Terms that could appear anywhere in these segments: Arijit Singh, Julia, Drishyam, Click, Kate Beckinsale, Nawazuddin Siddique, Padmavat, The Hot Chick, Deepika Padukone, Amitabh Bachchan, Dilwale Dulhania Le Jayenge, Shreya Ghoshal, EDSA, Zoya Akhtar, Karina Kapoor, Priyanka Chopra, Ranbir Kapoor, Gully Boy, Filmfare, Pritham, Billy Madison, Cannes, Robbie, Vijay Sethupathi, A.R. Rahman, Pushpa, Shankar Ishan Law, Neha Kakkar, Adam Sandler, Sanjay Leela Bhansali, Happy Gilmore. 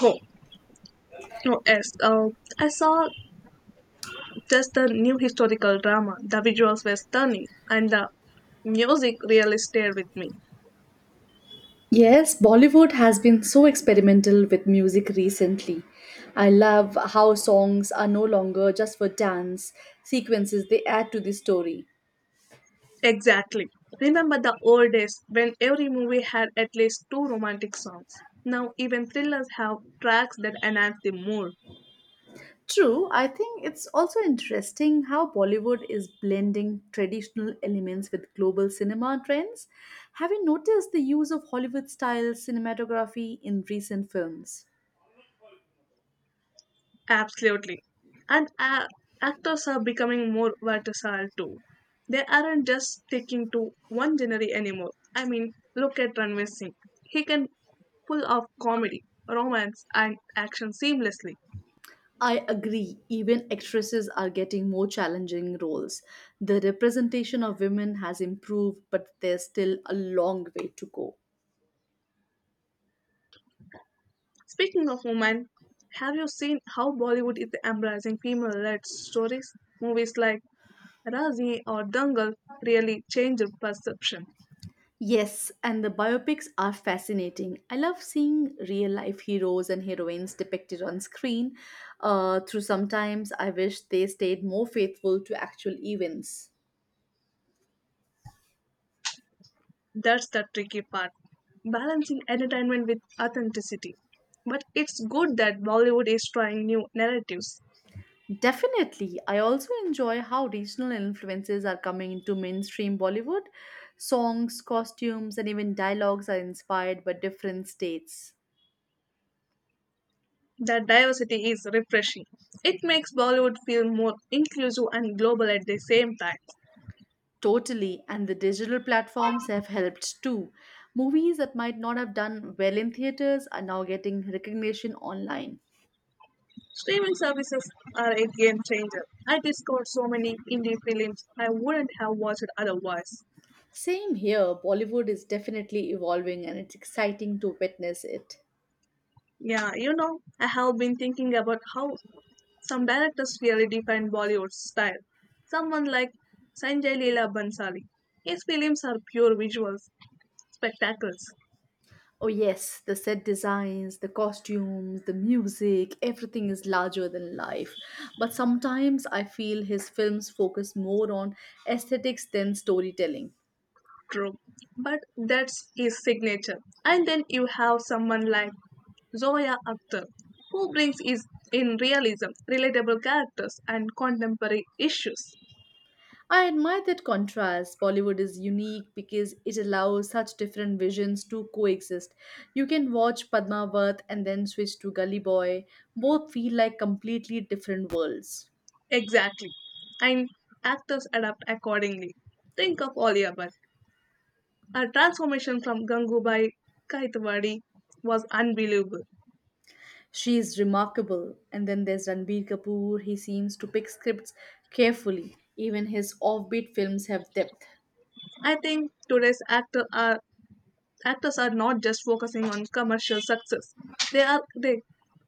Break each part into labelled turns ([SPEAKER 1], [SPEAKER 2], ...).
[SPEAKER 1] Oh, oh yes. I saw just the new historical drama. The visuals were stunning, and the music really stayed with me.
[SPEAKER 2] Yes, Bollywood has been so experimental with music recently. I love how songs are no longer just for dance sequences, they add to the story.
[SPEAKER 1] Exactly. Remember the old days when every movie had at least two romantic songs. Now even thrillers have tracks that enhance the mood.
[SPEAKER 2] True, I think it's also interesting how Bollywood is blending traditional elements with global cinema trends. Have you noticed the use of Hollywood style cinematography in recent films?
[SPEAKER 1] Absolutely. And a actors are becoming more versatile too. They aren't just sticking to one genre anymore. I mean, look at Ranveer Singh. He can pull off comedy, romance, and action seamlessly.
[SPEAKER 2] I agree. Even actresses are getting more challenging roles. The representation of women has improved, but there's still a long way to go.
[SPEAKER 1] Speaking of women, have you seen how Bollywood is embracing female-led stories? Movies like Razi or Dangal really change the perception.
[SPEAKER 2] Yes, and the biopics are fascinating. I love seeing real life heroes and heroines depicted on screen. Through sometimes I wish they stayed more faithful to actual events.
[SPEAKER 1] That's the tricky part, balancing entertainment with authenticity. But it's good that Bollywood is trying new narratives.
[SPEAKER 2] Definitely. I also enjoy how regional influences are coming into mainstream Bollywood. Songs, costumes, and even dialogues are inspired by different states.
[SPEAKER 1] That diversity is refreshing. It makes Bollywood feel more inclusive and global at the same time.
[SPEAKER 2] Totally. And the digital platforms have helped too. Movies that might not have done well in theaters are now getting recognition online.
[SPEAKER 1] Streaming services are a game changer. I discovered so many indie films I wouldn't have watched otherwise.
[SPEAKER 2] Same here. Bollywood is definitely evolving and it's exciting to witness it.
[SPEAKER 1] Yeah, I have been thinking about how some directors really define Bollywood's style. Someone like Sanjay Leela Bhansali, his films are pure visuals, spectacles,
[SPEAKER 2] Oh, yes, the set designs, the costumes, the music, everything is larger than life. But sometimes I feel his films focus more on aesthetics than storytelling.
[SPEAKER 1] true, but that's his signature. And then you have someone like Zoya Akhtar, who brings is in realism, relatable characters, and contemporary issues.
[SPEAKER 2] I admire that contrast. Bollywood is unique because it allows such different visions to coexist. You can watch Padmavat and then switch to Gully Boy. Both feel like completely different worlds.
[SPEAKER 1] Exactly. And actors adapt accordingly. Think of Oliver. Her transformation from Gangubai Kaitawadi was unbelievable.
[SPEAKER 2] She is remarkable. And then there's Ranbir Kapoor. He seems to pick scripts carefully. Even his offbeat films have depth.
[SPEAKER 1] I think today's actor are, Actors are not just focusing on commercial success. They are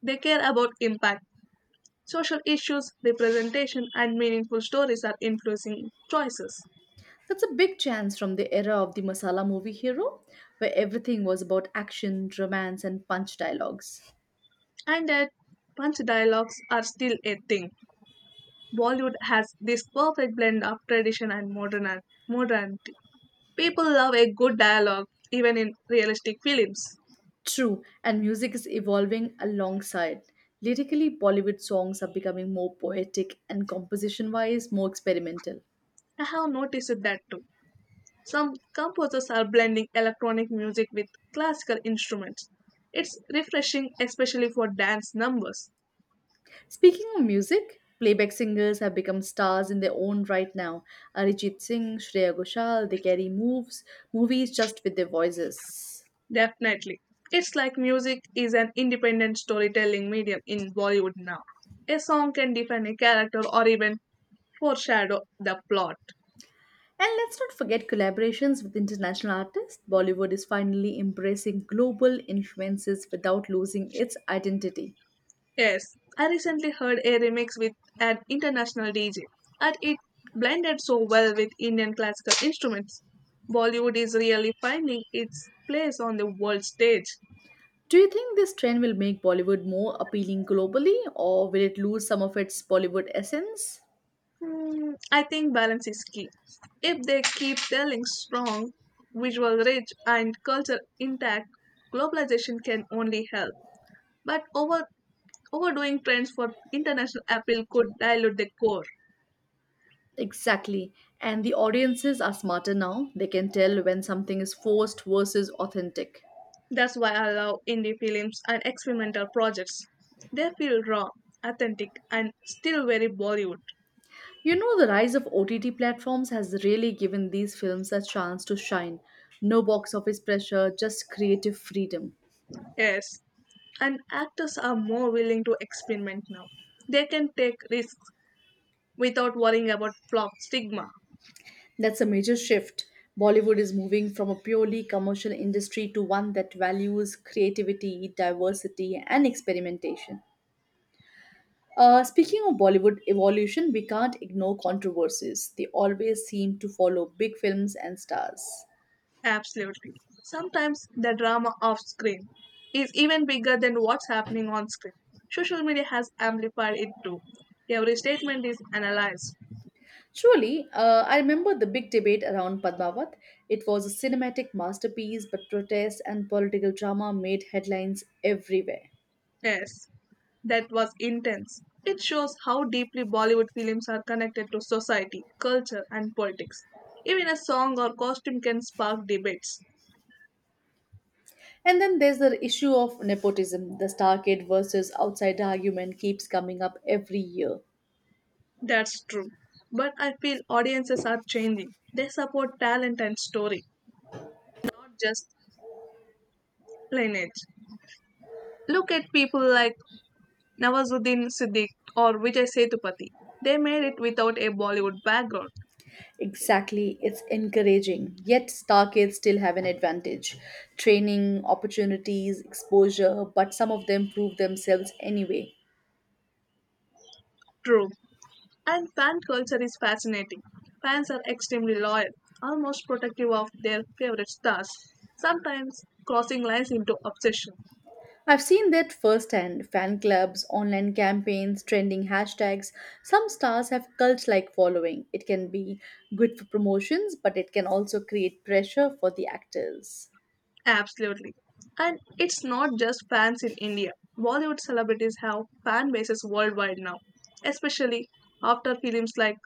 [SPEAKER 1] they care about impact. Social issues, representation, and meaningful stories are influencing choices.
[SPEAKER 2] That's a big chance from the era of the masala movie hero, where everything was about action, romance, and punch dialogues.
[SPEAKER 1] And that punch dialogues are still a thing. Bollywood has this perfect blend of tradition and modern modernity. People love a good dialogue, even in realistic films.
[SPEAKER 2] True, and music is evolving alongside. Lyrically, Bollywood songs are becoming more poetic and composition wise, more experimental.
[SPEAKER 1] I have noticed that too. Some composers are blending electronic music with classical instruments. It's refreshing, especially for dance numbers.
[SPEAKER 2] Speaking of music, playback singers have become stars in their own right now. Arijit Singh, Shreya Ghoshal, they carry movies just with their voices.
[SPEAKER 1] Definitely. It's like music is an independent storytelling medium in Bollywood now. A song can define a character or even foreshadow the plot.
[SPEAKER 2] And let's not forget collaborations with international artists. Bollywood is finally embracing global influences without losing its identity.
[SPEAKER 1] Yes, I recently heard a remix with an international DJ, and it blended so well with Indian classical instruments. Bollywood is really finding its place on the world stage.
[SPEAKER 2] Do you think this trend will make Bollywood more appealing globally or will it lose some of its Bollywood essence?
[SPEAKER 1] I think balance is key. If they keep telling strong, visual rich, and culture intact, globalization can only help. But over overdoing trends for international appeal could dilute the core.
[SPEAKER 2] Exactly. And the audiences are smarter now. They can tell when something is forced versus authentic.
[SPEAKER 1] That's why I love indie films and experimental projects. They feel raw, authentic, and still very Bollywood.
[SPEAKER 2] You know, the rise of OTT platforms has really given these films a chance to shine. No box office pressure, just creative freedom.
[SPEAKER 1] Yes, and actors are more willing to experiment now. They can take risks without worrying about flop stigma.
[SPEAKER 2] That's a major shift. Bollywood is moving from a purely commercial industry to one that values creativity, diversity, and experimentation. Speaking of Bollywood evolution, we can't ignore controversies. They always seem to follow big films and stars.
[SPEAKER 1] Absolutely. Sometimes the drama off screen is even bigger than what's happening on screen. Social media has amplified it too. Every statement is analyzed.
[SPEAKER 2] Truly, I remember the big debate around Padmavat. It was a cinematic masterpiece, but protests and political drama made headlines everywhere.
[SPEAKER 1] Yes, that was intense. It shows how deeply Bollywood films are connected to society, culture, and politics. Even a song or costume can spark debates.
[SPEAKER 2] And then there's the issue of nepotism. The star kid versus outsider argument keeps coming up every year.
[SPEAKER 1] That's true. But I feel audiences are changing. They support talent and story, not just lineage. Look at people like Nawazuddin Siddique or Vijay Sethupathi. They made it without a Bollywood background.
[SPEAKER 2] Exactly, it's encouraging. Yet, star kids still have an advantage training, opportunities, exposure, but some of them prove themselves anyway.
[SPEAKER 1] True. And fan culture is fascinating. Fans are extremely loyal, almost protective of their favorite stars, sometimes crossing lines into obsession.
[SPEAKER 2] I've seen that firsthand fan clubs, online campaigns, trending hashtags. Some stars have cult like following. It can be good for promotions, but it can also create pressure for the actors.
[SPEAKER 1] Absolutely. And it's not just fans in India. Bollywood celebrities have fan bases worldwide now, especially after films like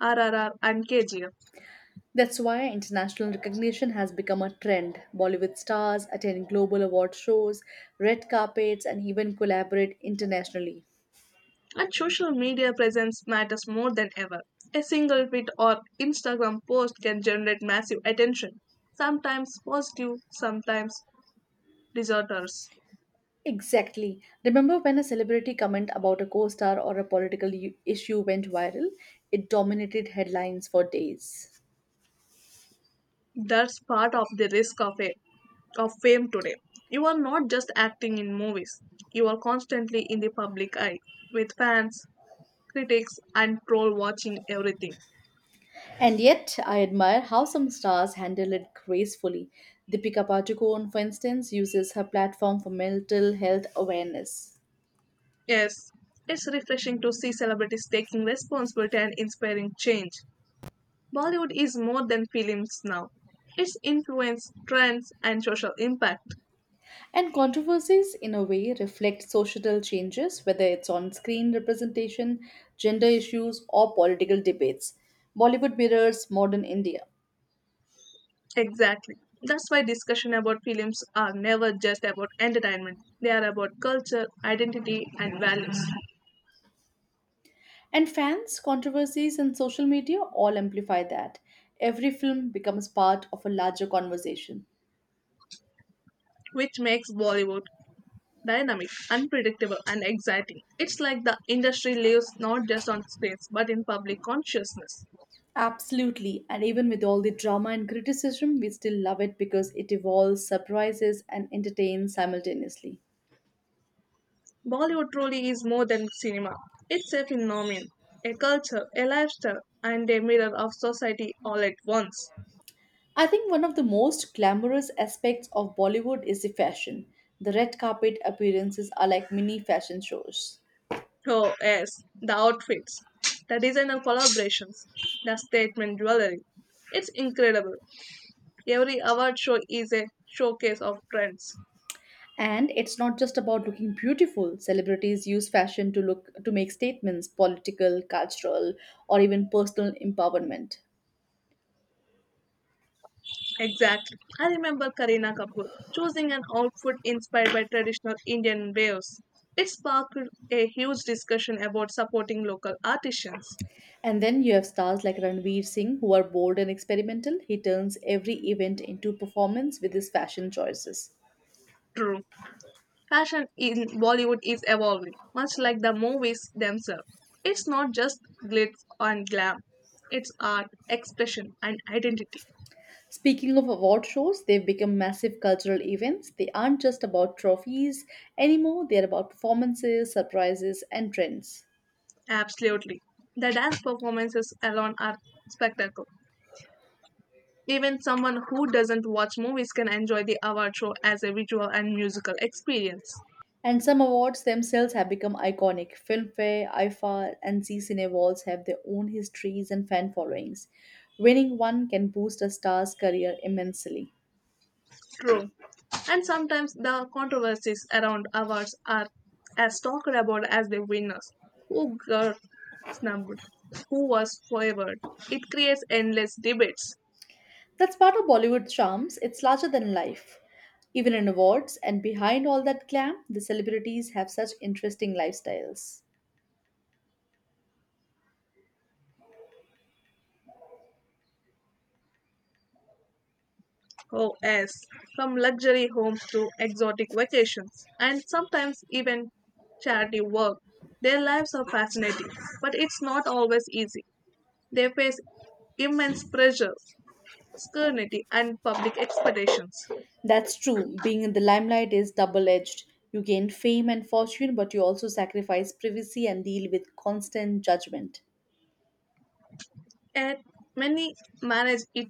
[SPEAKER 1] RRR and KGF.
[SPEAKER 2] That's why international recognition has become a trend. Bollywood stars attend global award shows, red carpets, and even collaborate internationally.
[SPEAKER 1] And social media presence matters more than ever. A single tweet or Instagram post can generate massive attention, sometimes positive, sometimes disorders.
[SPEAKER 2] Exactly. Remember when a celebrity comment about a co star or a political issue went viral? It dominated headlines for days.
[SPEAKER 1] That's part of the risk of fame today. You are not just acting in movies. You are constantly in the public eye with fans, critics and troll watching everything.
[SPEAKER 2] And yet, I admire how some stars handle it gracefully. Deepika Padukone, for instance, uses her platform for mental health awareness.
[SPEAKER 1] Yes, it's refreshing to see celebrities taking responsibility and inspiring change. Bollywood is more than films now. It's influence, trends and social impact.
[SPEAKER 2] And controversies, in a way, reflect societal changes, whether it's on screen representation, gender issues, or political debates. Bollywood mirrors modern India.
[SPEAKER 1] Exactly. That's why discussion about films are never just about entertainment. They are about culture, identity, and values,
[SPEAKER 2] And fans, controversies, and social media all amplify that. Every film becomes part of a larger conversation.
[SPEAKER 1] which makes Bollywood dynamic, unpredictable, and exciting. It's like the industry lives not just on screens but in public consciousness.
[SPEAKER 2] Absolutely, and even with all the drama and criticism, we still love it because it evolves, surprises, and entertains simultaneously.
[SPEAKER 1] Bollywood truly is more than cinema. It's a phenomenon, a culture, a lifestyle, and a mirror of society all at once.
[SPEAKER 2] I think one of the most glamorous aspects of Bollywood is the fashion. The red carpet appearances are like mini fashion shows.
[SPEAKER 1] Oh, yes, the outfits, the design and collaborations, the statement jewelry. It's incredible. Every award show is a showcase of trends.
[SPEAKER 2] And it's not just about looking beautiful. Celebrities use fashion to look to make statements, political, cultural, or even personal empowerment.
[SPEAKER 1] Exactly. I remember Karina Kapoor choosing an outfit inspired by traditional Indian wares. It sparked a huge discussion about supporting local artisans.
[SPEAKER 2] And then you have stars like Ranveer Singh who are bold and experimental. He turns every event into performance with his fashion choices.
[SPEAKER 1] True. Fashion in Bollywood is evolving, much like the movies themselves. It's not just glitz and glam, it's art, expression, and identity.
[SPEAKER 2] Speaking of award shows, they've become massive cultural events. They aren't just about trophies anymore, they're about performances, surprises, and trends.
[SPEAKER 1] Absolutely. The dance performances alone are spectacle. Even someone who doesn't watch movies can enjoy the award show as a visual and musical experience.
[SPEAKER 2] And some awards themselves have become iconic. Filmfare, IFA, and Z Cine Awards have their own histories and fan followings. Winning one can boost a star's career immensely.
[SPEAKER 1] True. And sometimes the controversies around awards are as talked about as the winners. Who got snubbed? Who was favored? It creates endless debates.
[SPEAKER 2] That's part of Bollywood's charms, it's larger than life. Even in awards, and behind all that glam, the celebrities have such interesting lifestyles.
[SPEAKER 1] Oh, yes. From luxury homes to exotic vacations, and sometimes even charity work. Their lives are fascinating, but it's not always easy. They face immense pressure, scrutiny, and public expectations.
[SPEAKER 2] That's true. Being in the limelight is double edged. You gain fame and fortune, but you also sacrifice privacy and deal with constant judgment.
[SPEAKER 1] Yet, many manage it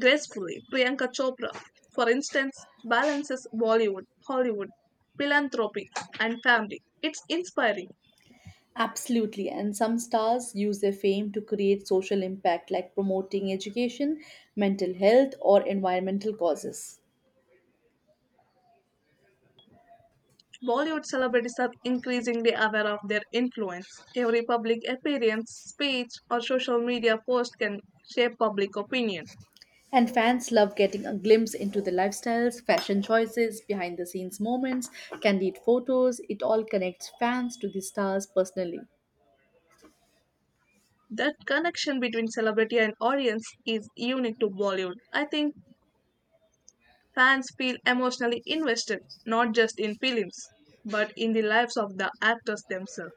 [SPEAKER 1] gracefully, Priyanka Chopra, for instance, balances Bollywood, Hollywood, philanthropy, and family. It's inspiring.
[SPEAKER 2] Absolutely. And some stars use their fame to create social impact, like promoting education, mental health, or environmental causes.
[SPEAKER 1] Bollywood celebrities are increasingly aware of their influence. Every public appearance, speech, or social media post can shape public opinion.
[SPEAKER 2] And fans love getting a glimpse into the lifestyles, fashion choices, behind the scenes moments, candid photos. It all connects fans to the stars personally.
[SPEAKER 1] That connection between celebrity and audience is unique to Bollywood. I think fans feel emotionally invested, not just in films, but in the lives of the actors themselves.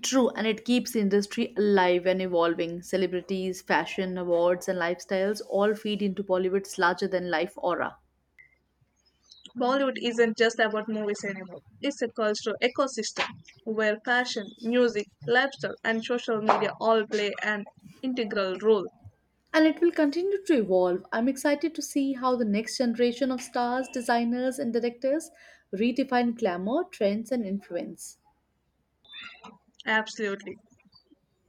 [SPEAKER 2] True, and it keeps the industry alive and evolving. Celebrities, fashion, awards, and lifestyles all feed into Bollywood's larger than life aura.
[SPEAKER 1] Bollywood isn't just about movies anymore. It's a cultural ecosystem where fashion, music, lifestyle, and social media all play an integral role.
[SPEAKER 2] And it will continue to evolve. I'm excited to see how the next generation of stars, designers, and directors redefine glamour, trends, and influence.
[SPEAKER 1] Absolutely.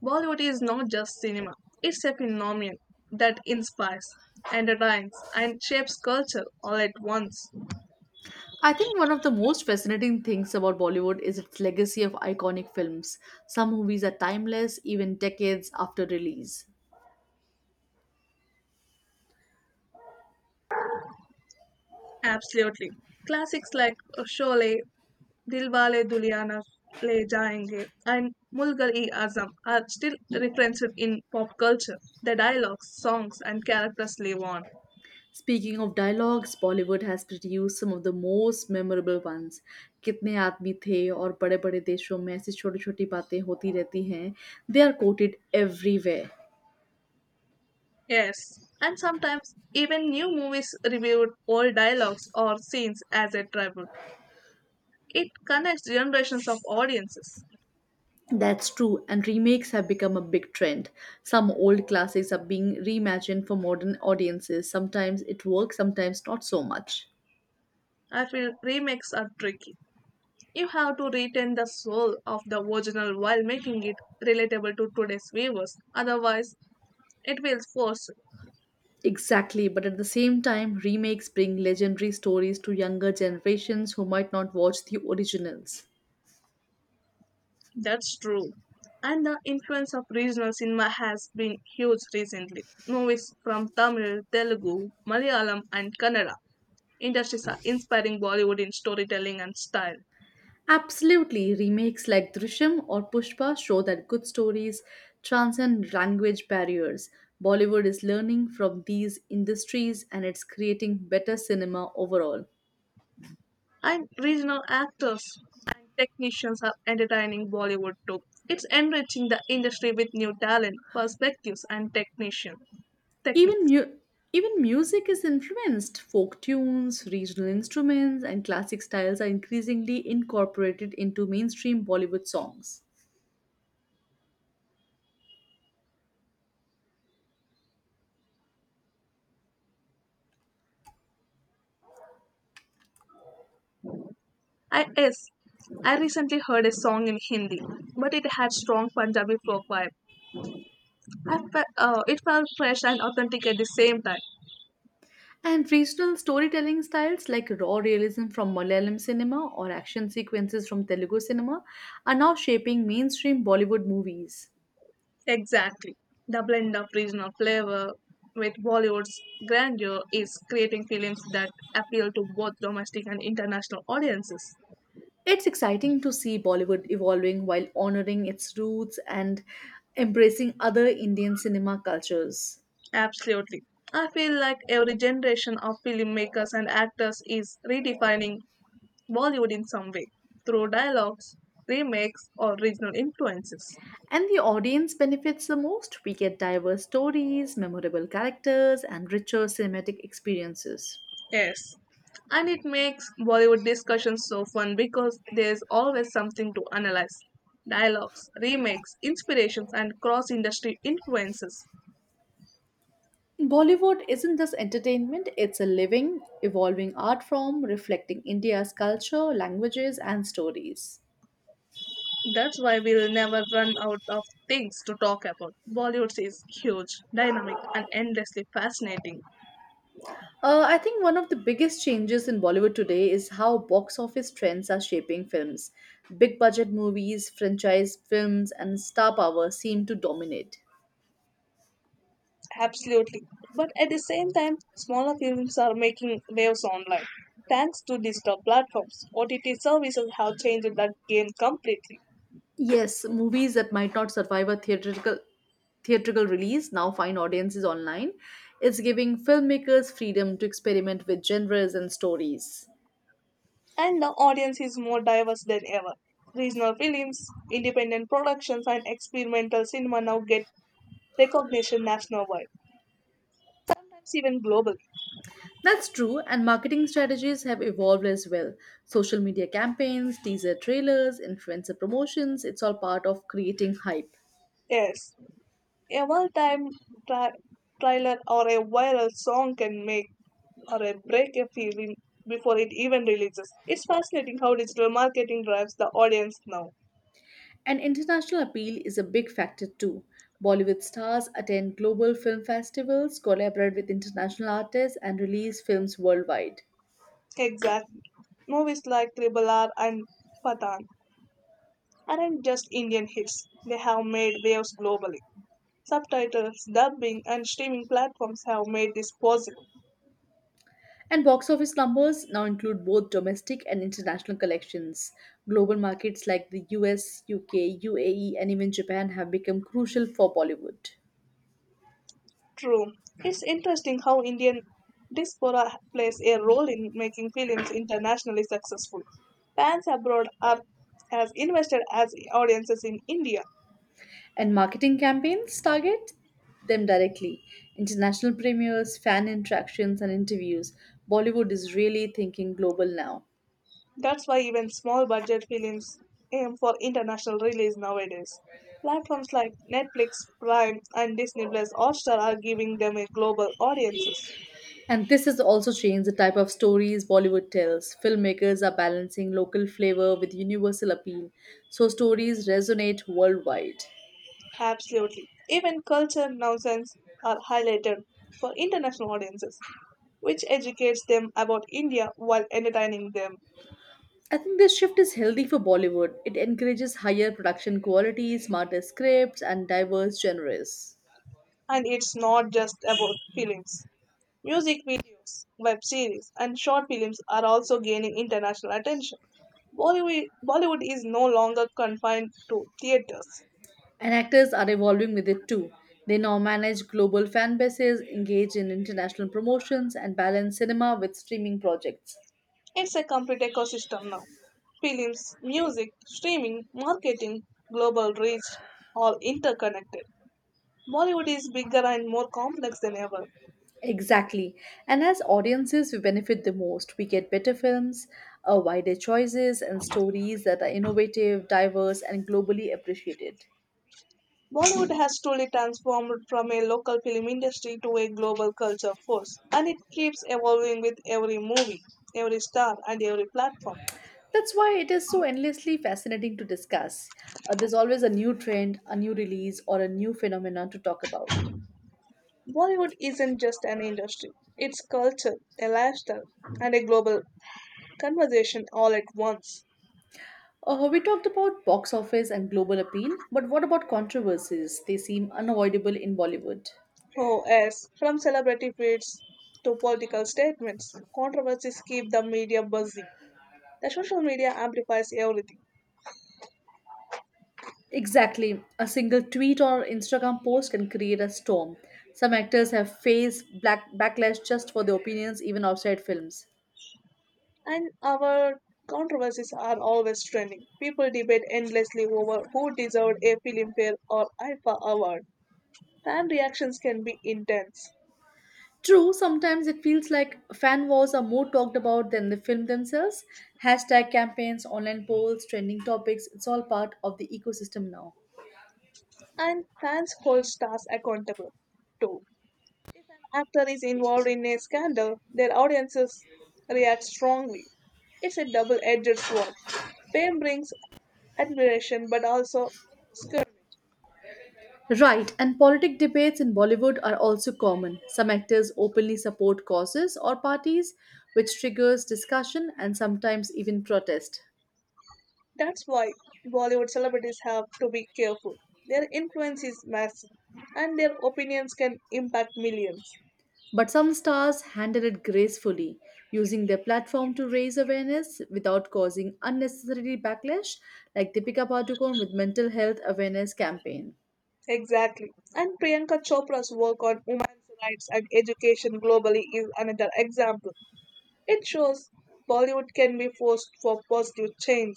[SPEAKER 1] Bollywood is not just cinema, it's a phenomenon that inspires, entertains, and shapes culture all at once.
[SPEAKER 2] I think one of the most fascinating things about Bollywood is its legacy of iconic films. Some movies are timeless even decades after release.
[SPEAKER 1] Absolutely. Classics like Sholay, Dilwale Dulhania Le Jayenge, and Mulgal-e-Azam are still referenced in pop culture. The dialogues, songs, and characters live on.
[SPEAKER 2] Speaking of dialogues, Bollywood has produced some of the most memorable ones. कितने आदमी थे और बड़े बड़े देशों में ऐसी छोटी छोटी बातें होती रहती हैं. They are quoted everywhere.
[SPEAKER 1] Yes, and sometimes even new movies reviewed old dialogues or scenes as a tribute. It connects generations of audiences.
[SPEAKER 2] That's true, and remakes have become a big trend. Some old classics are being reimagined for modern audiences. Sometimes it works, sometimes not so much.
[SPEAKER 1] I feel remakes are tricky. You have to retain the soul of the original while making it relatable to today's viewers. Otherwise, it feels forced.
[SPEAKER 2] Exactly, but at the same time, remakes bring legendary stories to younger generations who might not watch the originals.
[SPEAKER 1] That's true. And the influence of regional cinema has been huge recently. Movies from Tamil, Telugu, Malayalam, and Kannada industries are inspiring Bollywood in storytelling and style.
[SPEAKER 2] Absolutely, remakes like Drishyam or Pushpa show that good stories transcend language barriers. Bollywood is learning from these industries and it's creating better cinema overall.
[SPEAKER 1] And regional actors and technicians are entertaining Bollywood too. It's enriching the industry with new talent, perspectives, and technician
[SPEAKER 2] Even
[SPEAKER 1] techniques.
[SPEAKER 2] mu- Even music is influenced. Folk tunes, regional instruments, and classic styles are increasingly incorporated into mainstream Bollywood songs.
[SPEAKER 1] I yes, I recently heard a song in Hindi, but it had strong Punjabi folk vibe. It felt fresh and authentic at the same time.
[SPEAKER 2] And regional storytelling styles like raw realism from Malayalam cinema or action sequences from Telugu cinema are now shaping mainstream Bollywood movies.
[SPEAKER 1] Exactly. The blend of regional flavor with Bollywood's grandeur is creating films that appeal to both domestic and international audiences.
[SPEAKER 2] It's exciting to see Bollywood evolving while honoring its roots and embracing other Indian cinema cultures.
[SPEAKER 1] Absolutely. I feel like every generation of filmmakers and actors is redefining Bollywood in some way through dialogues, remakes, or regional influences.
[SPEAKER 2] And the audience benefits the most. We get diverse stories, memorable characters, and richer cinematic experiences.
[SPEAKER 1] Yes. And it makes Bollywood discussions so fun because there's always something to analyze. Dialogues, remakes, inspirations, and cross industry influences.
[SPEAKER 2] Bollywood isn't just entertainment, it's a living, evolving art form reflecting India's culture, languages, and stories.
[SPEAKER 1] That's why we'll never run out of things to talk about. Bollywood is huge, dynamic, and endlessly fascinating.
[SPEAKER 2] I think one of the biggest changes in Bollywood today is how box office trends are shaping films. Big budget movies, franchise films, and star power seem to dominate.
[SPEAKER 1] Absolutely. But at the same time, smaller films are making waves online. Thanks to digital platforms, OTT services have changed that game completely.
[SPEAKER 2] Yes, movies that might not survive a theatrical release now find audiences online. It's giving filmmakers freedom to experiment with genres and stories.
[SPEAKER 1] And the audience is more diverse than ever. Regional films, independent productions, and experimental cinema now get recognition nationwide, sometimes even globally.
[SPEAKER 2] That's true, and marketing strategies have evolved as well. Social media campaigns, teaser trailers, influencer promotions, it's all part of creating hype.
[SPEAKER 1] Yes, a one-time tra- trailer or a viral song can make or a break a film before it even releases. It's fascinating how digital marketing drives the audience now.
[SPEAKER 2] And international appeal is a big factor too. Bollywood stars attend global film festivals, collaborate with international artists, and release films worldwide.
[SPEAKER 1] Exactly. Movies like Triple R and Pathan aren't just Indian hits, they have made waves globally. Subtitles, dubbing, and streaming platforms have made this possible.
[SPEAKER 2] And box office numbers now include both domestic and international collections. Global markets like the US, UK, UAE, and even Japan have become crucial for Bollywood.
[SPEAKER 1] True. It's interesting how Indian diaspora plays a role in making films internationally successful. Fans abroad are as invested as audiences in India.
[SPEAKER 2] And marketing campaigns target them directly. International premieres, fan interactions, and interviews. Bollywood is really thinking global now.
[SPEAKER 1] That's why even small budget films aim for international release nowadays. Platforms like Netflix, Prime, and Disney Plus Hotstar are giving them a global audiences.
[SPEAKER 2] And this has also changed the type of stories Bollywood tells. Filmmakers are balancing local flavor with universal appeal, so stories resonate worldwide.
[SPEAKER 1] Absolutely. Even culture nuances are highlighted for international audiences, which educates them about India while entertaining them.
[SPEAKER 2] I think this shift is healthy for Bollywood. It encourages higher production quality, smarter scripts, and diverse genres.
[SPEAKER 1] And it's not just about films. Music videos, web series, and short films are also gaining international attention. Bollywood is no longer confined to theaters.
[SPEAKER 2] And actors are evolving with it too. They now manage global fan bases, engage in international promotions, and balance cinema with streaming projects.
[SPEAKER 1] It's a complete ecosystem now. Films, music, streaming, marketing, global reach, all interconnected. Bollywood is bigger and more complex than ever.
[SPEAKER 2] Exactly. And as audiences, we benefit the most. We get better films, wider choices, and stories that are innovative, diverse, and globally appreciated.
[SPEAKER 1] Bollywood has truly transformed from a local film industry to a global culture force, and it keeps evolving with every movie, every star, and every platform.
[SPEAKER 2] That's why it is so endlessly fascinating to discuss. There's always a new trend, a new release, or a new phenomenon to talk about.
[SPEAKER 1] Bollywood isn't just an industry, it's culture, a lifestyle, and a global conversation all at once.
[SPEAKER 2] We talked about box office and global appeal, but what about controversies? They seem unavoidable in Bollywood.
[SPEAKER 1] Oh, yes, from celebrity feeds to political statements, controversies keep the media buzzing. The social media amplifies everything.
[SPEAKER 2] Exactly. A single tweet or Instagram post can create a storm. Some actors have faced black backlash just for their opinions, even outside films.
[SPEAKER 1] And our controversies are always trending. People debate endlessly over who deserved a Filmfare or IFA award. Fan reactions can be intense,
[SPEAKER 2] True, sometimes it feels like fan wars are more talked about than the film themselves. Hashtag campaigns, online polls, trending topics, it's all part of the ecosystem now.
[SPEAKER 1] and fans hold stars accountable too. When an actor is involved in a scandal, their audiences react strongly. It's a double-edged sword. Fame brings admiration, but also scrutiny.
[SPEAKER 2] Right, and politic debates in Bollywood are also common. Some actors openly support causes or parties, which triggers discussion and sometimes even protest.
[SPEAKER 1] That's why Bollywood celebrities have to be careful. Their influence is massive, and their opinions can impact millions.
[SPEAKER 2] But some stars handle it gracefully, using their platform to raise awareness without causing unnecessary backlash, like Deepika Padukone with mental health awareness campaign.
[SPEAKER 1] Exactly. And Priyanka Chopra's work on women's rights and education globally is another example. It shows Bollywood can be forced for positive change.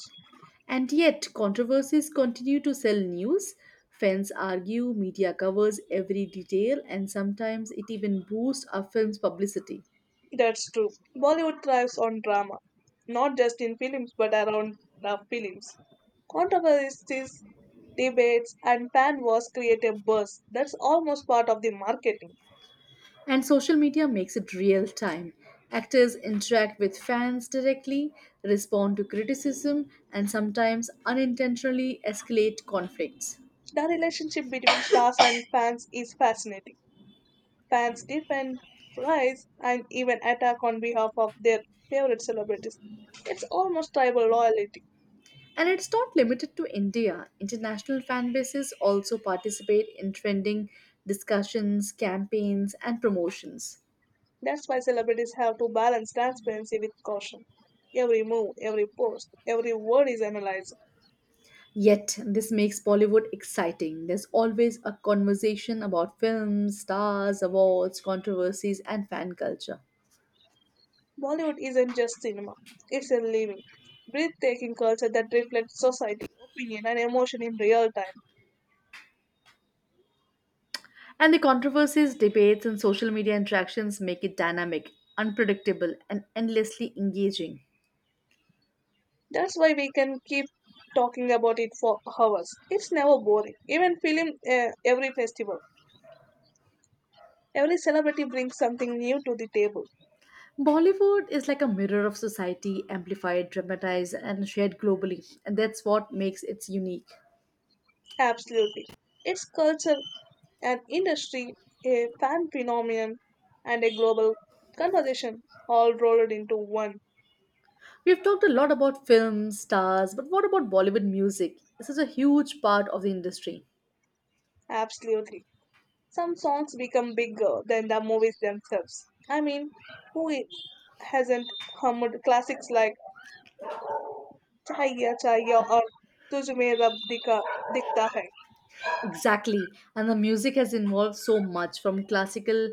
[SPEAKER 2] And yet, controversies continue to sell news. Fans argue, media covers every detail, and sometimes it even boosts our film's publicity.
[SPEAKER 1] That's true. Bollywood thrives on drama, not just in films but around the films. Controversies, debates, and fan wars create a buzz that's almost part of the marketing.
[SPEAKER 2] And social media makes it real time. Actors interact with fans directly, respond to criticism, and sometimes unintentionally escalate conflicts.
[SPEAKER 1] The relationship between stars and fans is fascinating. Fans defend, praise, and even attack on behalf of their favorite celebrities. It's almost tribal loyalty.
[SPEAKER 2] And it's not limited to India. International fan bases also participate in trending discussions, campaigns, and promotions.
[SPEAKER 1] That's why celebrities have to balance transparency with caution. Every move, every post, every word is analyzed.
[SPEAKER 2] Yet, this makes Bollywood exciting. There's always a conversation about films, stars, awards, controversies, and fan culture.
[SPEAKER 1] Bollywood isn't just cinema, it's a living, breathtaking culture that reflects society, opinion, and emotion in real time.
[SPEAKER 2] And the controversies, debates, and social media interactions make it dynamic, unpredictable, and endlessly engaging.
[SPEAKER 1] That's why we can keep talking about it for hours. It's never boring. Even every festival, every celebrity brings something new to the table.
[SPEAKER 2] Bollywood is like a mirror of society, amplified, dramatized, and shared globally, and that's what makes it unique.
[SPEAKER 1] Absolutely. It's culture, an industry, a fan phenomenon, and a global conversation all rolled into one.
[SPEAKER 2] We've talked a lot about films, stars, but what about Bollywood music? This is a huge part of the industry.
[SPEAKER 1] Absolutely. Some songs become bigger than the movies themselves. I mean, who i- hasn't hummed classics like Chaya Chaya or Tujhme Rab Dikha Dikhta Hai?
[SPEAKER 2] Exactly, and the music has evolved so much from classical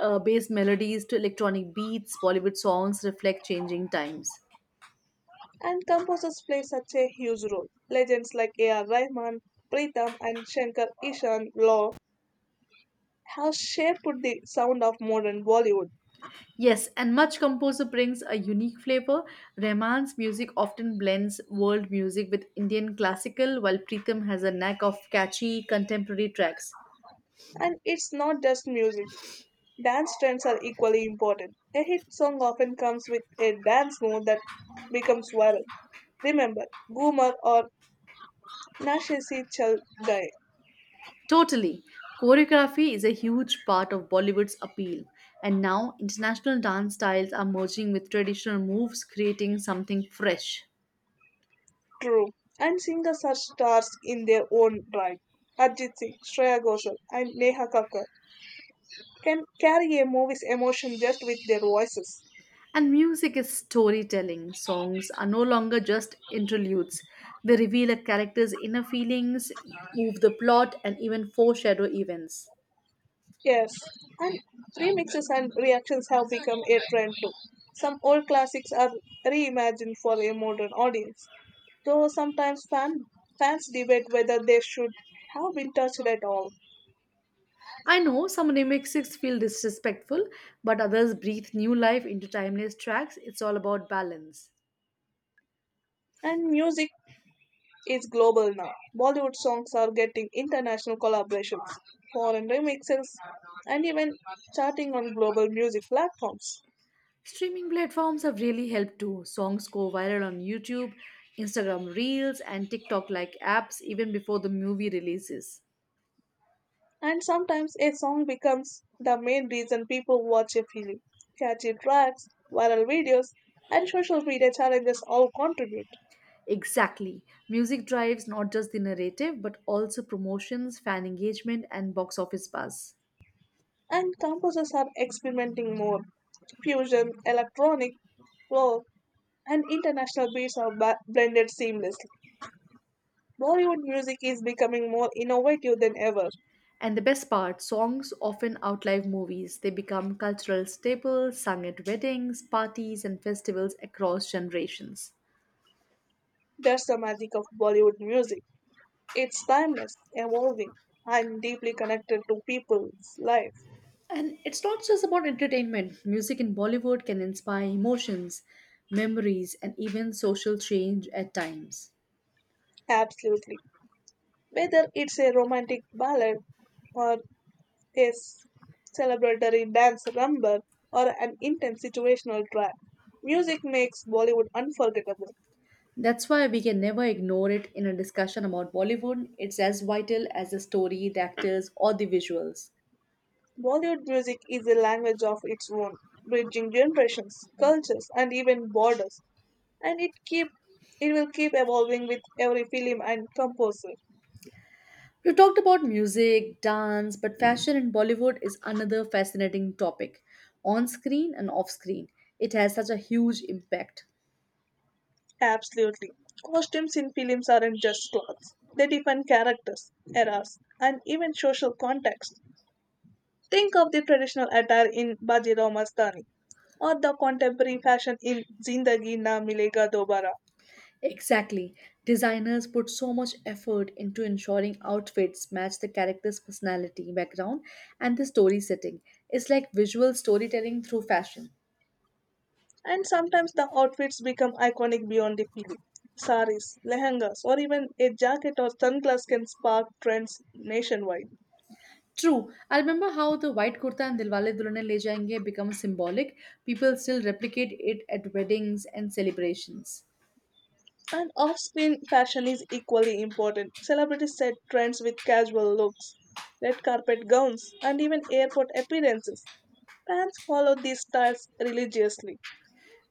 [SPEAKER 2] based melodies to electronic beats. Bollywood songs reflect changing times.
[SPEAKER 1] And composers play such a huge role. Legends like A.R. Rahman, Pritham, and Shankar Ishan Law have shaped the sound of modern Bollywood.
[SPEAKER 2] Yes, and much composer brings a unique flavor. Rahman's music often blends world music with Indian classical, while Pritham has a knack of catchy contemporary tracks.
[SPEAKER 1] And it's not just music, dance trends are equally important. A hit song often comes with a dance move that becomes viral. Remember Goomer or Nashe Se Chal Gaye?
[SPEAKER 2] Totally. Choreography is a huge part of Bollywood's appeal, and now international dance styles are merging with traditional moves, creating something fresh.
[SPEAKER 1] True, and singers are stars in their own right. Arjit Singh, Shreya Ghoshal, and Neha Kakkar can carry a movie's emotion just with their voices.
[SPEAKER 2] And music is storytelling. Songs are no longer just interludes, they reveal a character's inner feelings, move the plot, and even foreshadow events.
[SPEAKER 1] Yes, and remixes and reactions have become a trend too. Some old classics are reimagined for a modern audience, though sometimes fans debate whether they should have been touched at all.
[SPEAKER 2] I know some remixes feel disrespectful, but others breathe new life into timeless tracks. It's all about balance.
[SPEAKER 1] And music is global now. Bollywood songs are getting international collaborations, foreign remixes, and even charting on global music platforms.
[SPEAKER 2] Streaming platforms have really helped too. Songs go viral on YouTube, Instagram Reels, and TikTok like apps even before the movie releases.
[SPEAKER 1] And sometimes a song becomes the main reason people watch a film. Catchy tracks, viral videos, and social media challenges all contribute.
[SPEAKER 2] Exactly. Music drives not just the narrative, but also promotions, fan engagement, and box office buzz.
[SPEAKER 1] And composers are experimenting more. Fusion, electronic, folk, and international beats are blended seamlessly. Bollywood music is becoming more innovative than ever.
[SPEAKER 2] And the best part songs often outlive movies. They become cultural staples, sung at weddings, parties, and festivals across generations.
[SPEAKER 1] That's the magic of Bollywood music. It's timeless, evolving, and deeply connected to people's life.
[SPEAKER 2] And it's not just about entertainment, music in Bollywood can inspire emotions, memories, and even social change at times.
[SPEAKER 1] Absolutely. Whether it's a romantic ballad or a s- celebratory dance number, or an intense situational track, music makes Bollywood unforgettable.
[SPEAKER 2] That's why we can never ignore it in a discussion about Bollywood. It's as vital as the story, the actors, or the visuals.
[SPEAKER 1] Bollywood music is a language of its own, bridging generations, cultures, and even borders, and it keep it will keep evolving with every film and composer.
[SPEAKER 2] We've talked about music, dance, but fashion in Bollywood is another fascinating topic, on screen and off screen. It has such a huge impact.
[SPEAKER 1] Absolutely. Costumes in films aren't just clothes. They define characters, eras, and even social context. Think of the traditional attire in Bajirao Mastani or the contemporary fashion in Zindagi Na Milega Dobara.
[SPEAKER 2] Exactly. Designers put so much effort into ensuring outfits match the character's personality, background, and the story setting. It's like visual storytelling through fashion.
[SPEAKER 1] And sometimes the outfits become iconic beyond the film. Saris, lehengas, or even a jacket or sunglass can spark trends nationwide.
[SPEAKER 2] True. I remember how the white kurta and Dilwale Dulhania Le Jayenge become symbolic. People still replicate it at weddings and celebrations.
[SPEAKER 1] And off screen fashion is equally important. Celebrities set trends with casual looks, red carpet gowns, and even airport appearances. Fans follow these styles religiously.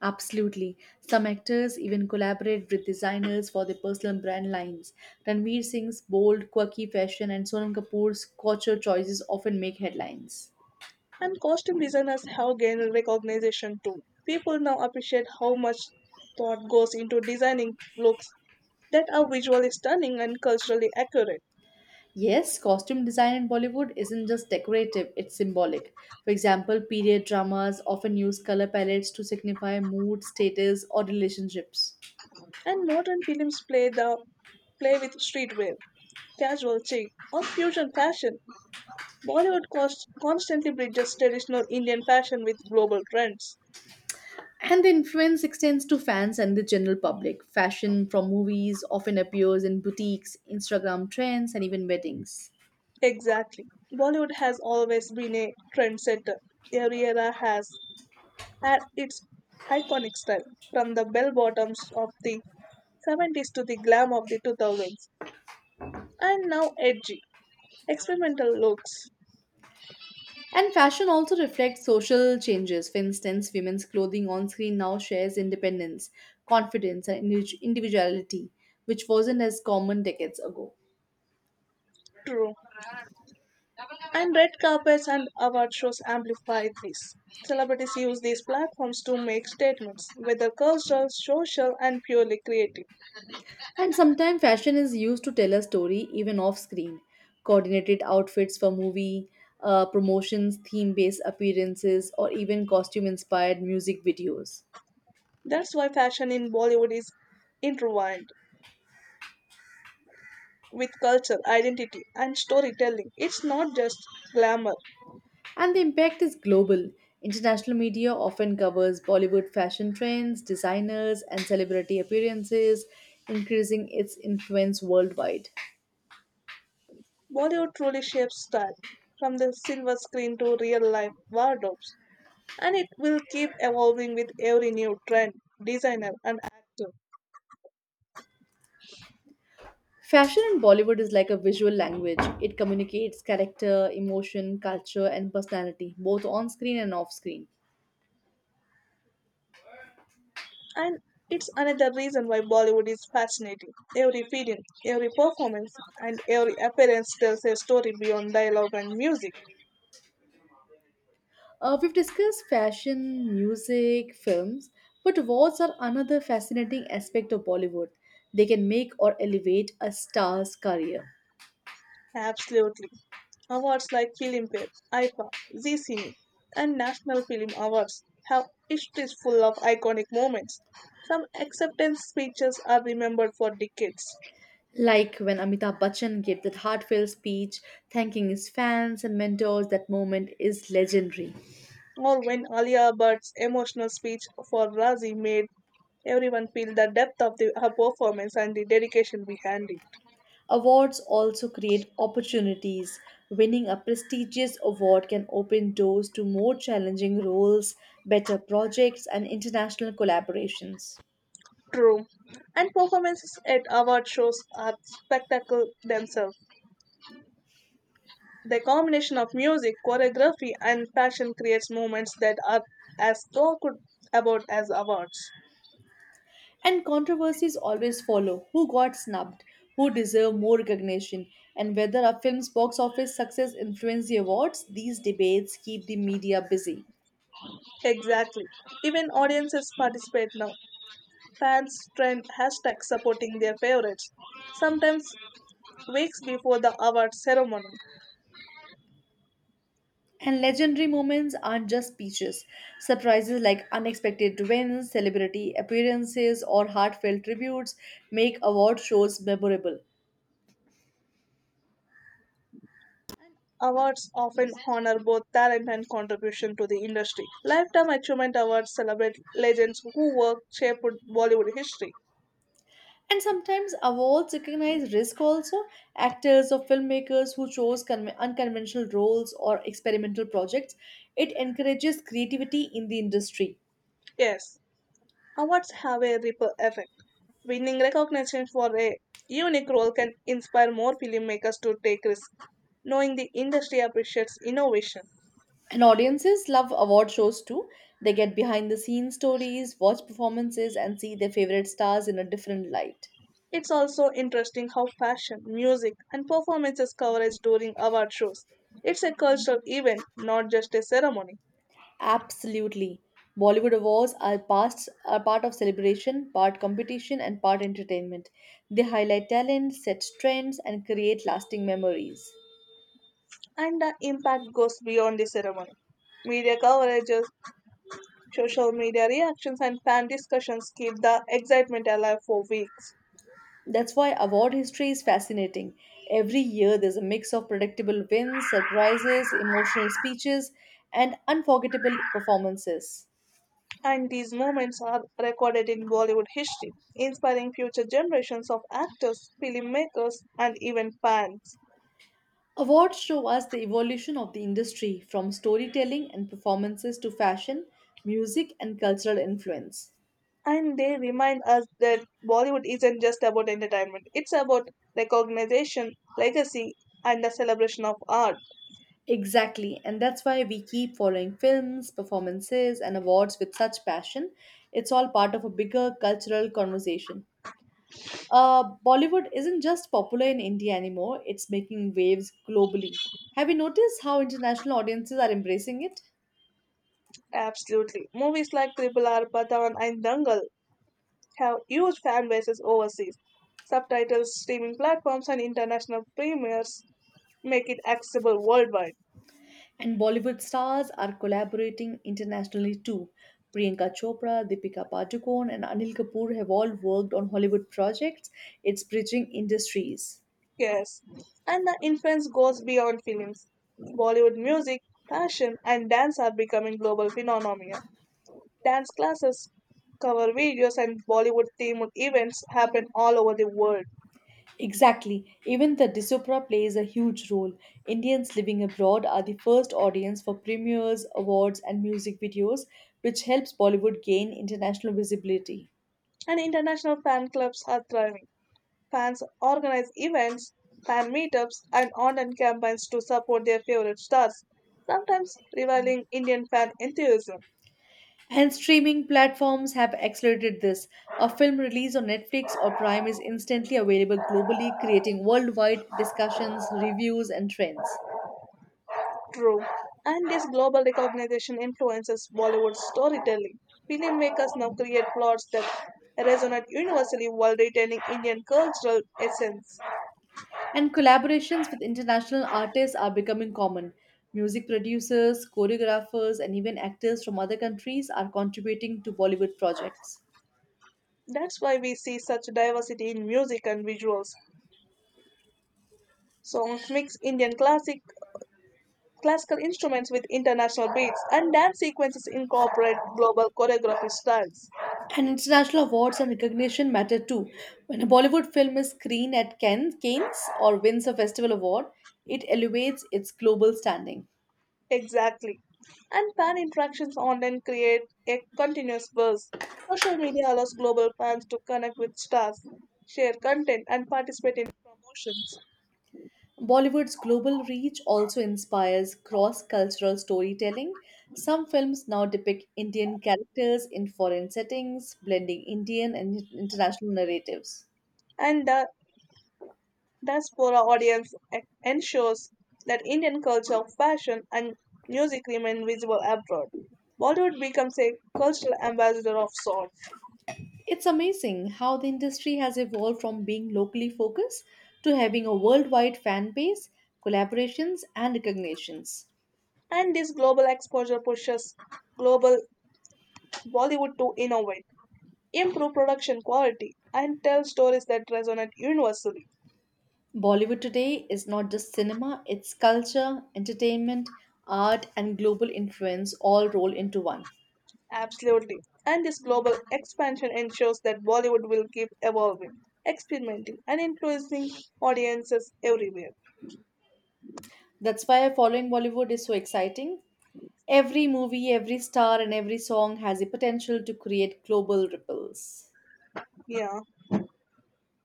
[SPEAKER 2] Absolutely. Some actors even collaborate with designers for their personal brand lines. Ranveer Singh's bold, quirky fashion and Sonam Kapoor's couture choices often make headlines.
[SPEAKER 1] And costume designers have gained recognition too. People now appreciate how much thought goes into designing looks that are visually stunning and culturally accurate.
[SPEAKER 2] Yes, costume design in Bollywood isn't just decorative, it's symbolic. For example, period dramas often use color palettes to signify mood, status, or relationships.
[SPEAKER 1] And modern films play with streetwear, casual chic, or fusion fashion. Bollywood cost constantly bridges traditional Indian fashion with global trends.
[SPEAKER 2] And the influence extends to fans and the general public. Fashion from movies often appears in boutiques, Instagram trends, and even weddings.
[SPEAKER 1] Exactly. Bollywood has always been a trendsetter. Every era has at its iconic style, from the bell bottoms of the 70s to the glam of the 2000s, and now edgy, experimental looks.
[SPEAKER 2] And fashion also reflects social changes. For instance, women's clothing on screen now shares independence, confidence, and individuality, which wasn't as common decades ago.
[SPEAKER 1] True. And red carpets and award shows amplify this. Celebrities use these platforms to make statements, whether cultural, social, and purely creative.
[SPEAKER 2] And sometimes fashion is used to tell a story even off screen. Coordinated outfits for movie promotions, theme based appearances, or even costume inspired music videos.
[SPEAKER 1] That's why fashion in Bollywood is intertwined with culture, identity, and storytelling. It's not just glamour.
[SPEAKER 2] And the impact is global. International media often covers Bollywood fashion trends, designers, and celebrity appearances, increasing its influence worldwide.
[SPEAKER 1] Bollywood truly shapes style from the silver screen to real life wardrobes, and it will keep evolving with every new trend, designer, and actor.
[SPEAKER 2] Fashion in Bollywood is like a visual language. It communicates character, emotion, culture, and personality, both on screen and off screen.
[SPEAKER 1] And it's another reason why Bollywood is fascinating. Every film, every performance, and every appearance tells a story beyond dialogue and music.
[SPEAKER 2] We've discussed fashion, music, films, but awards are another fascinating aspect of Bollywood. They can make or elevate a star's career.
[SPEAKER 1] Absolutely. Awards like Filmpare, IFA, Zee Cine, and National Film Awards have histories full of iconic moments. Some acceptance speeches are remembered for decades,
[SPEAKER 2] Like when Amitabh Bachchan gave that heartfelt speech thanking his fans and mentors, that moment is legendary.
[SPEAKER 1] or when Alia Bhatt's emotional speech for Razi made everyone feel the depth of her performance and the dedication behind it.
[SPEAKER 2] Awards also create opportunities. Winning a prestigious award can open doors to more challenging roles, better projects, and international collaborations.
[SPEAKER 1] True. And performances at award shows are spectacle themselves. The combination of music, choreography, and fashion creates moments that are as talked about as awards.
[SPEAKER 2] And controversies always follow who got snubbed, who deserved more recognition, and whether a film's box office success influenced the awards. These debates keep the media busy.
[SPEAKER 1] Exactly. Even audiences participate now. Fans trend hashtags supporting their favorites, sometimes weeks before the award ceremony.
[SPEAKER 2] And legendary moments aren't just speeches. Surprises like unexpected wins, celebrity appearances, or heartfelt tributes make award shows memorable.
[SPEAKER 1] Awards often honor both talent and contribution to the industry. Lifetime Achievement Awards celebrate legends who work shaped Bollywood history.
[SPEAKER 2] And sometimes awards recognize risk also. Actors or filmmakers who chose unconventional roles or experimental projects. It encourages creativity in the industry.
[SPEAKER 1] Yes, awards have a ripple effect. Winning recognition for a unique role can inspire more filmmakers to take risks, knowing the industry appreciates innovation.
[SPEAKER 2] And audiences love award shows too. They get behind the scenes stories, watch performances, and see their favorite stars in a different light.
[SPEAKER 1] It's also interesting how fashion, music, and performances coverage during award shows. It's a cultural event, not just a ceremony,
[SPEAKER 2] Absolutely. Bollywood awards are past are part of celebration, part competition, and part entertainment. They highlight talent, set trends, and create lasting memories.
[SPEAKER 1] and the impact goes beyond the ceremony. Media coverages, social media reactions, and fan discussions keep the excitement alive for weeks,
[SPEAKER 2] That's why award history is fascinating. Every year there's a mix of predictable wins, surprises, emotional speeches, and unforgettable performances.
[SPEAKER 1] and these moments are recorded in Bollywood history, inspiring future generations of actors, filmmakers, and even fans.
[SPEAKER 2] Awards show us the evolution of the industry from storytelling and performances to fashion, music, and cultural influence.
[SPEAKER 1] And they remind us that Bollywood isn't just about entertainment, it's about recognition, legacy, and the celebration of art.
[SPEAKER 2] Exactly, and that's why we keep following films, performances, and awards with such passion. It's all part of a bigger cultural conversation. Bollywood isn't just popular in India anymore, it's making waves globally. Have you noticed how international audiences are embracing it?
[SPEAKER 1] Absolutely. Movies like Triple R, Pathan, and Dangal have huge fan bases overseas. Subtitles, streaming platforms, and international premieres make it accessible worldwide.
[SPEAKER 2] And Bollywood stars are collaborating internationally too. Priyanka Chopra, Deepika Padukone, and Anil Kapoor have all worked on Hollywood projects. It's bridging industries.
[SPEAKER 1] Yes, and the influence goes beyond films. Bollywood music, fashion, and dance are becoming global phenomena. Dance classes, cover videos, and Bollywood themed events happen all over the world.
[SPEAKER 2] Exactly. Even the diaspora plays a huge role. Indians living abroad are the first audience for premieres, awards, and music videos, which helps Bollywood gain international visibility.
[SPEAKER 1] And international fan clubs are thriving. Fans organize events, fan meetups, and online campaigns to support their favorite stars, sometimes rivaling Indian fan enthusiasm.
[SPEAKER 2] And streaming platforms have accelerated this. A film released on Netflix or Prime is instantly available globally, creating worldwide discussions, reviews, and trends.
[SPEAKER 1] True. And this global recognition influences Bollywood storytelling. Filmmakers now create plots that resonate universally while retaining Indian cultural essence.
[SPEAKER 2] And collaborations with international artists are becoming common. Music producers, choreographers, and even actors from other countries are contributing to Bollywood projects.
[SPEAKER 1] That's why we see such diversity in music and visuals. Songs mix Indian classic classical instruments with international beats, and dance sequences incorporate global choreography styles.
[SPEAKER 2] And international awards and recognition matter too. When a Bollywood film is screened at Cannes or wins a festival award, it elevates its global standing.
[SPEAKER 1] Exactly. And fan interactions online create a continuous buzz. Social media allows global fans to connect with stars, share content, and participate in promotions.
[SPEAKER 2] Bollywood's global reach also inspires cross cultural storytelling. Some films now depict Indian characters in foreign settings, blending Indian and international narratives.
[SPEAKER 1] And the ensures that Indian culture, fashion, and music remain visible abroad. Bollywood becomes a cultural ambassador of sorts.
[SPEAKER 2] It's amazing how the industry has evolved from being locally focused to having a worldwide fan base, collaborations, and recognitions.
[SPEAKER 1] And this global exposure pushes global Bollywood to innovate, improve production quality, and tell stories that resonate universally.
[SPEAKER 2] Bollywood today is not just cinema, it's culture, entertainment, art, and global influence all rolled into one.
[SPEAKER 1] Absolutely. And this global expansion ensures that Bollywood will keep evolving, experimenting, and influencing audiences everywhere.
[SPEAKER 2] That's why following Bollywood is so exciting. Every movie, every star, and every song has the potential to create global ripples.
[SPEAKER 1] Yeah.